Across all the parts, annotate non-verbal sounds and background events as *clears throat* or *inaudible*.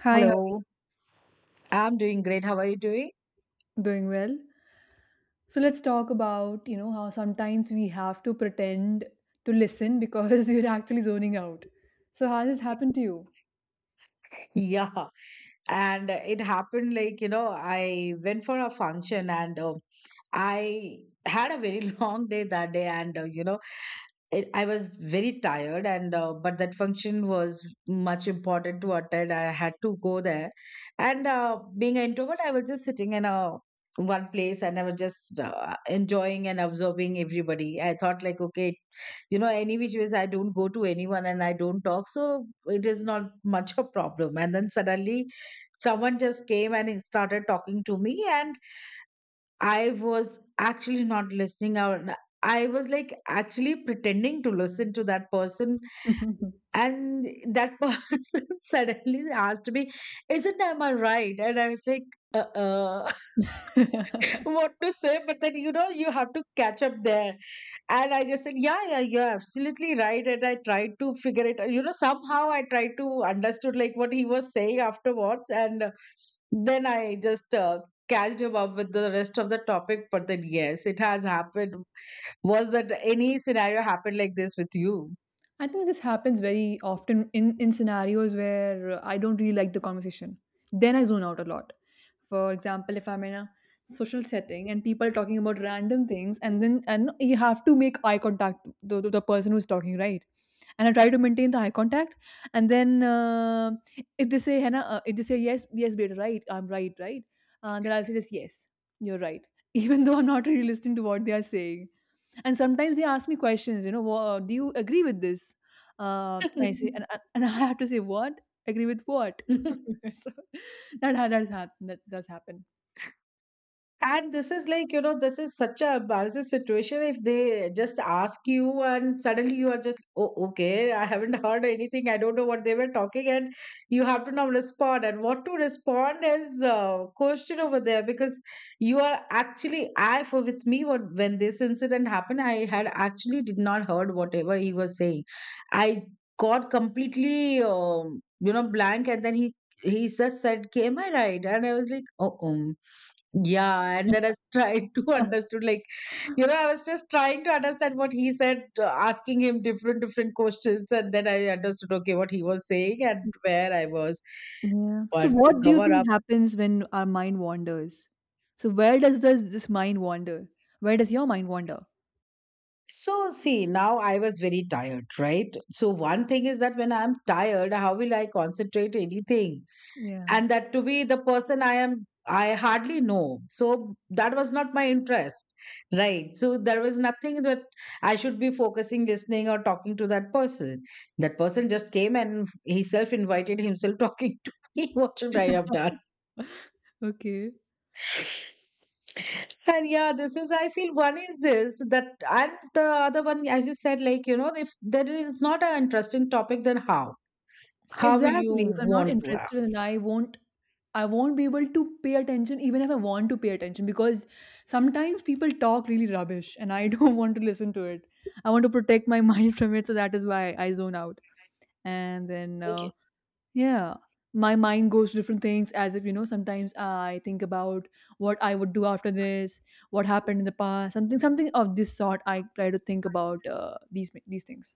Hi, how are you? Hello, I'm doing great. How are you doing? Doing well. So let's talk about, how sometimes we have to pretend to listen because *laughs* we're actually zoning out. So has this happened to you? Yeah, and it happened, I went for a function and I had a very *laughs* long day that day. And, I was very tired. And, but that function was much important to attend. I had to go there. And being an introvert, I was just sitting in a one place and I was just enjoying and absorbing everybody. I thought, like, okay, you know, any which ways, I don't go to anyone and I don't talk, so it is not much a problem. And then suddenly someone just came and he started talking to me, and I was actually not listening out. I was like actually pretending to listen to that person. And that person *laughs* suddenly asked me, isn't, am I right? And I was like uh-uh. *laughs* *laughs* I *laughs* What to say, but then you know you have to catch up there. And I just said, yeah, yeah, you're absolutely right. And I tried to figure it out. You know, somehow I tried to understood like what he was saying afterwards, and then I just catched him up with the rest of the topic. But then yes, it has happened. Was that any scenario happened like this with you? think this happens very often in scenarios where I don't really like the conversation. Then I zone out a lot. For example, if I'm in a social setting and people are talking about random things and then and you have to make eye contact with the person who's talking, right? And I try to maintain the eye contact. And then if they say, "Henna," if they say, "Yes, yes, beta, right, I'm right, right," then I'll say, "Just yes, you're right," *laughs* even though I'm not really listening to what they are saying. And sometimes they ask me questions, Do you agree with this?" I say, and, I- and *laughs* I have to say, "What? Agree with what?" *laughs* *laughs* So that ha- that has hap- that does happen. And this is like, you know, this is such a embarrassing situation if they just ask you and suddenly you are just, oh, okay, I haven't heard anything. I don't know what they were talking. And you have to now respond. And what to respond is a question over there because you are actually, for with me, what, when this incident happened, I had actually did not heard whatever he was saying. I got completely, you know, blank. And then he just said, "Okay, am I right? And I was like, oh. Yeah, and then I tried to *laughs* *laughs* understood like, you know, I was just trying to understand what he said, asking him different different questions, and then I understood okay what he was saying and where I was. Yeah. So But to what do you cover think up, happens when our mind wanders? So where does this mind wander? Where does your mind wander? so see now I was very tired, right? So one thing is that when I'm tired, how will I concentrate anything? Yeah. And that, to be the person I am, I hardly know, so that was not my interest, right? So there was nothing that I should be focusing listening or talking to that person. That person just came and he self invited himself *laughs* talking to me. *laughs* What should I have done? *laughs* Okay. And yeah, this is, I feel, one is this that, and the other one, as you said, like, you know, if there is not an interesting topic, then how will you Exactly. If I'm not want to interested, then I won't be able to pay attention even if I want to pay attention because sometimes people talk really rubbish and I *laughs* don't want to listen to it. I want to protect my *laughs* mind from it, so that is why I zone out. And then have? Yeah. My mind goes to different things as if, sometimes I think about what I would do after this, what happened in the past, something something of this sort I try to think about these things.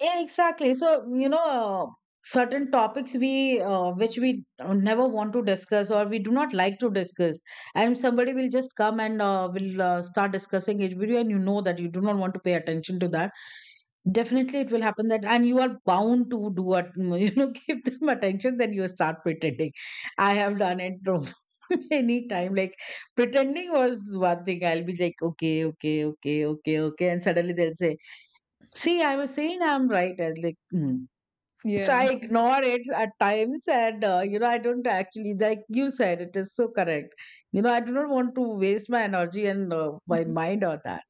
Yeah, exactly. So, you know, certain topics we which we never want to discuss or we do not like to discuss, and somebody will just come and will start discussing it with you, and you know that you do not want to pay attention to that. Definitely, it will happen that, and you are bound to do it. *laughs* You know, give them attention, then you start pretending. I have done it. From *laughs* any time, like, pretending was one thing. I'll be like, okay, okay, okay, okay, okay, and suddenly they'll say, see, I was saying, I'm right. I was like, mm. So I Yeah. ignore it at times, and you know, I don't actually, like you said, it is so correct. You know, I do not want to waste my energy and my *laughs* mind on that.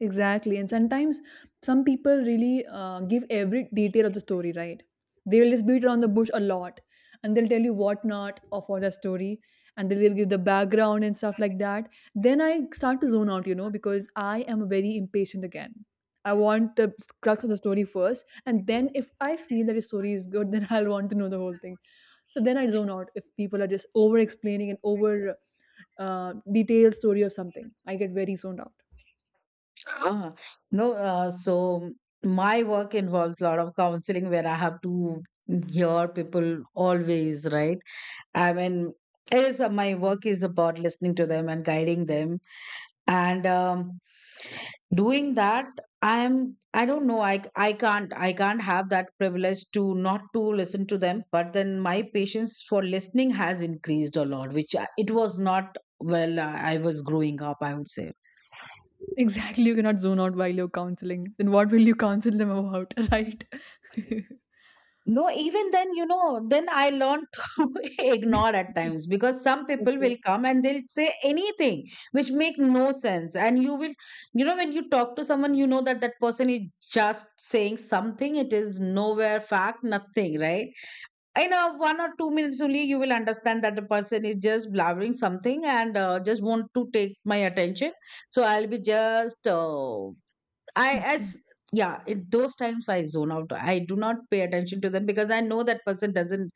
Exactly. And sometimes some people really give every detail of the story, right? They will just beat around the bush a lot and they'll tell you what not of all the story and then they'll give the background and stuff like that. Then I start to zone out, because I am very impatient again. I want the crux of the story first. And then if I feel that the story is good, *laughs* then I'll want to know the whole thing. So then I zone out if people are just over explaining and over detailed story of something. I get very zoned out. Uh, no, so my work involves a lot of counseling where I have to hear people always, right? I mean, it is, my work is about listening to them and guiding them and doing that. I'm, I don't know, I can't, I can't have that privilege to not to listen to them. But then my patience for listening has increased a lot, which I- it was not well, I was growing up, I would say. Exactly, you cannot zone out while you're counseling. Then what will you counsel them about, *laughs* right? *laughs* No, even then, you know, then I learned *laughs* to ignore at times because some people Okay. will come and they'll say anything which make no sense. And you will, you know, when you talk to someone, you know that that person is just saying something. It is nowhere fact, nothing, right? In a 1 or 2 minutes only, you will understand that the person is just blabbering something and just want to take my attention. So I'll be just I Mm. as, yeah, in those times I zone out. I do not pay attention to them because I know that person doesn't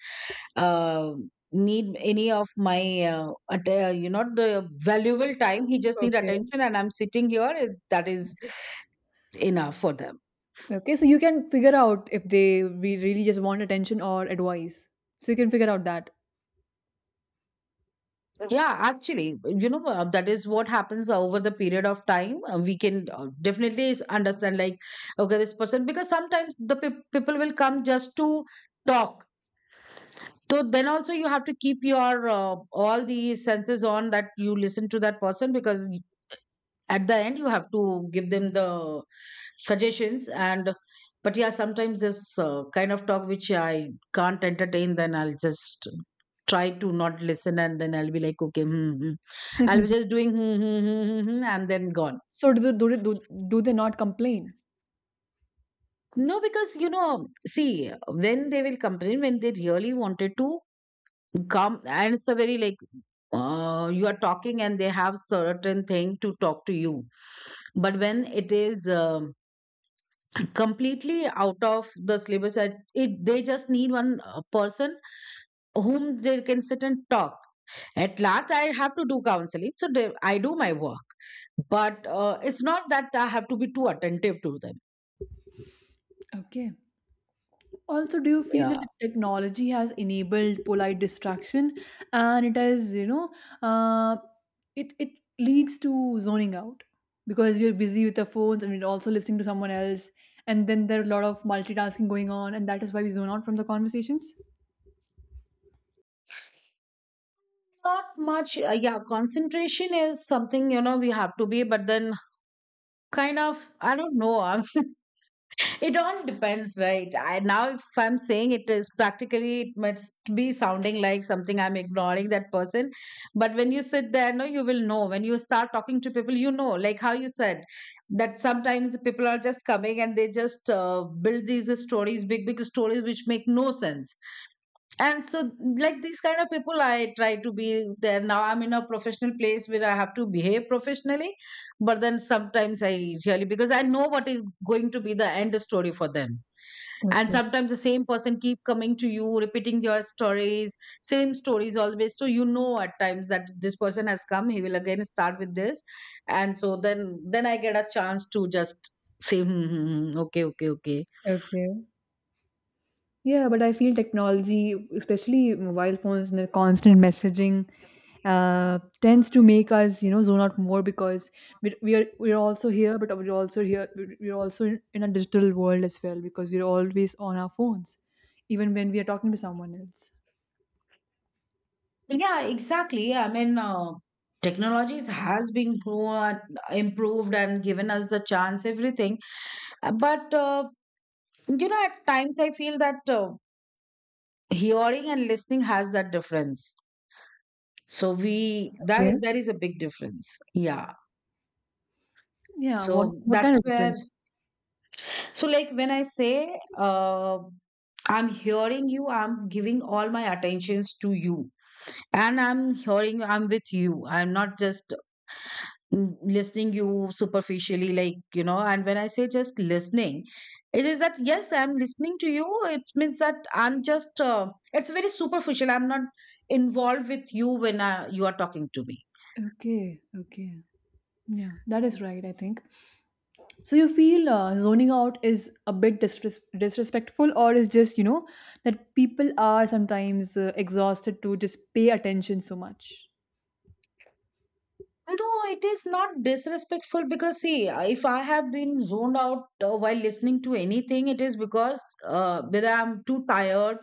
uh, need any of my you know, the valuable time. He just need Okay. attention, and I'm sitting here. Eh, that is enough for them. Okay, so you can figure out if they we really just want attention or advice. So you can figure out that. Yeah, actually, you know that is what happens over the period of time. We can definitely understand like, okay, this person, because sometimes the people will come just to talk, so then also you have to keep your all the senses on, that you listen to that person, because at the end you have to give them the suggestions and, but yeah, sometimes this kind of talk which I can't entertain, then I'll just try to not listen and then I'll be like, okay, hmm, hmm. I'll be *laughs* just doing hmm, hmm, hmm, hmm, hmm, and then gone. So do they not complain? No, because, you know, see, when they will complain, when they really wanted to come and it's a very like you are talking and they have certain thing to talk to you, but when it is *clears throat* completely out of the syllabus, it they just need one person whom they can sit and talk. At last I have to do counseling, so they, I do my work, but it's not that I have to be too attentive to them. Okay. Also, do you feel Yeah, that technology has enabled polite distraction and it has, you know, uh, it, it leads to zoning out because we're busy with our phones and we're also listening to someone else. And then there are a lot of multitasking going on, and that is why we zone out from the conversations. not much yeah, concentration is something, you know, we have to be, but then kind of, I don't know. *laughs* It all depends, right? I, now, if I'm saying it is practically, it must be sounding like something I'm ignoring that person. But when you sit there, no, you will know. When you start talking to people, you know, like how you said, that sometimes the people are just coming and they just build these stories, big, big stories, which make no sense. And so, like, these kind of people I try to be there. Now I'm in a professional place where I have to behave professionally, but then sometimes I really, because I know what is going to be the end story for them. And Okay. sometimes the same person keep coming to you, repeating your stories, same stories always, so you know at times that this person has come, he will again start with this, and so then I get a chance to just say, hmm, hmm, hmm, hmm, okay, okay, okay. Okay. Yeah, but I feel technology, especially mobile phones and the constant messaging, tends to make us, zone out more because we're also here, but we're also here. We're also in a digital world as well because we're always on our phones, even when we are talking to someone else. Yeah, exactly. Yeah, I mean, technologies has been improved and given us the chance, everything. But you know, at times I feel that hearing and listening has that difference. So we, Okay. that there is a big difference. Yeah. Yeah. What So what kind that's of where. difference? So like when I say, I'm hearing you. I'm giving all my attentions to you, and I'm hearing you. I'm with you. I'm not just mm, listening you superficially, like, you know. And when I say just listening, it is that yes, I'm listening to you, it means that I'm just it's very superficial, I'm not involved with you when you are talking to me. Okay. Okay. Yeah, that is right. I think. So you feel zoning out is a bit disrespectful, or is just that people are sometimes exhausted to just pay attention so much. Though it is not disrespectful, because see, if I have been zoned out while listening to anything, it is because, whether I'm too tired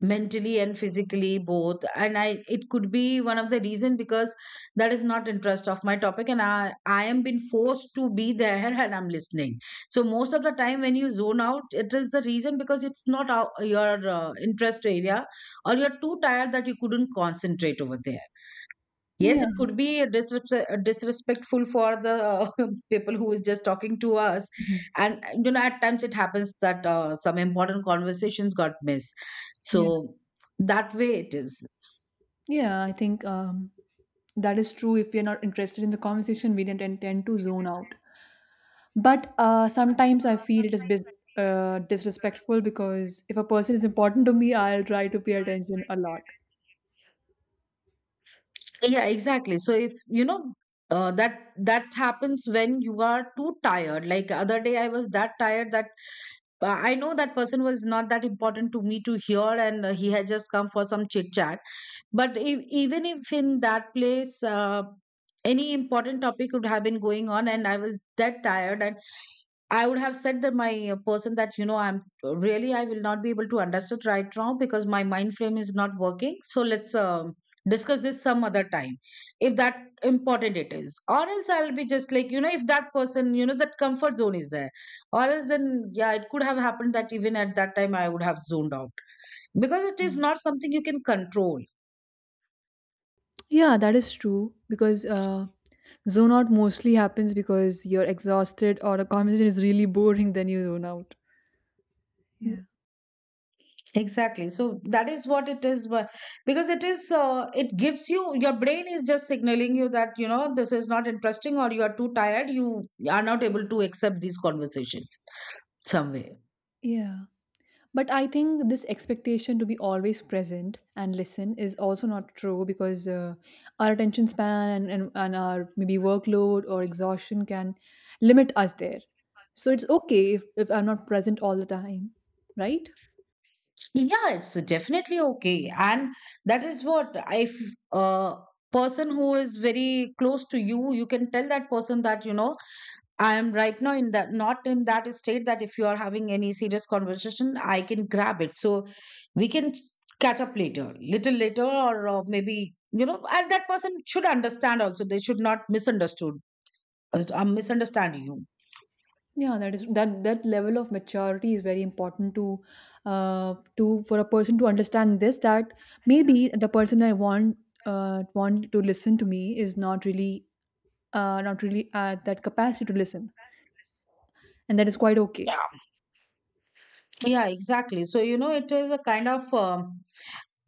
mentally and physically both, and I it could be one of the reason, because that is not interest of my topic, and I am been forced to be there *laughs* and I'm listening. So most of the time when you zone out, it is the reason because it's not our, your interest area, or you're too tired that you couldn't concentrate over there. Yes, Yeah, it could be a disrespectful for the *laughs* people who is just talking to us, Mhm. and you know, at times it happens that some important conversations got missed. yeah, So that way it is. yeah. I think that is true. If we are not interested in the conversation, we don't intend to zone out. But sometimes I feel it is disrespectful because if a person is important to me, I'll try to pay attention a lot. Yeah, exactly. So if you know that that happens when you are too tired. Like other day, I was that tired that I know that person was not that important to me to hear, and he had just come for some chit chat. But if, even if in that place, any important topic would have been going on, and I was that tired, and I would have said that my person that, you know, I'm really, I will not be able to understand right now because my mind frame is not working. So let's discuss this some other time, if that important it is. Or else, I'll be just like, you know, if that person, you know, that comfort zone is there, or else then yeah, it could have happened that even at that time I would have zoned out, because it is not something you can control. Yeah, that is true because zone out mostly happens because you're exhausted or a conversation is really boring, *laughs* then you zone out. Yeah. Exactly. So that is what it is, but, because it is, it gives you, your brain is just signaling you that, you know, this is not interesting or you are too tired, you are not able to accept these conversations some way. Yeah. But I think this expectation to be always present and listen is also not true because our attention span and our maybe workload or exhaustion can limit us there. So it's okay if I'm not present all the time, right? Yeah, it's definitely okay. And that is what, if a person who is very close to you, you can tell that person that, you know, I am right now in that, not in that state that if you are having any serious conversation, I can grab it. So we can catch up later, little later, or maybe, you know. And that person should understand also. They should not misunderstood. I'm misunderstanding you. Yeah, that level of maturity is very important to for a person to understand this that maybe the person I want to listen to me is not really at that capacity to listen and that is quite okay. Yeah. Yeah. Exactly. So, you know, it is a kind of. um,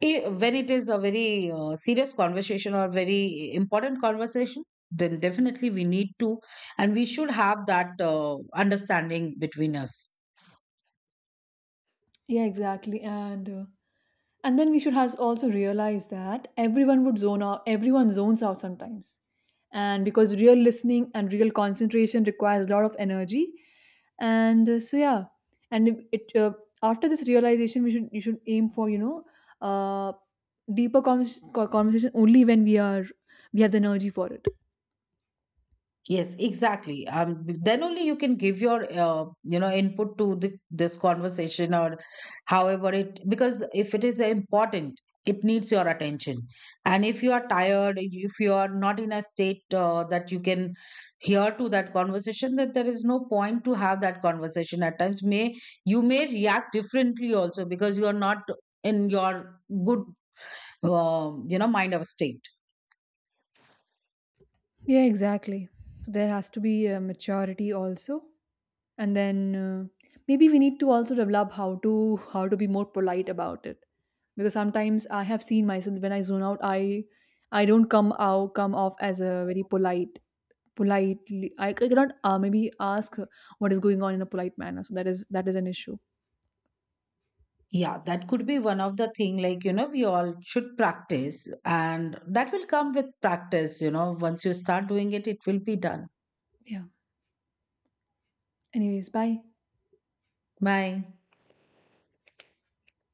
when it is a very serious conversation or very important conversation, then definitely we need to, and we should have that understanding between us. Yeah, exactly. And then we should has also realize that everyone would zone out, everyone zones out sometimes. And because real listening and real concentration requires a lot of energy. And so yeah, and if it after this realization, we should you should aim for uh, deeper conversation only when we have the energy for it. Yes, exactly. Then only you can give your you know, input to the, this conversation, or however it, because if it is important, it needs your attention. And if you are tired, if you are not in a state that you can hear to that conversation, that there is no point to have that conversation. At times, may, you may react differently also, because you are not in your good you know, mind of state. Yeah, exactly. There has to be a maturity also, and then maybe we need to also develop how to be more polite about it because sometimes I have seen myself when I zone out, I don't come off as a very politely. I cannot maybe ask what is going on in a polite manner. So that is an issue. Yeah, that could be one of the thing, like, you know, we all should practice, and that will come with practice. You know, once you start doing it, it will be done. Yeah. Anyways, bye. Bye.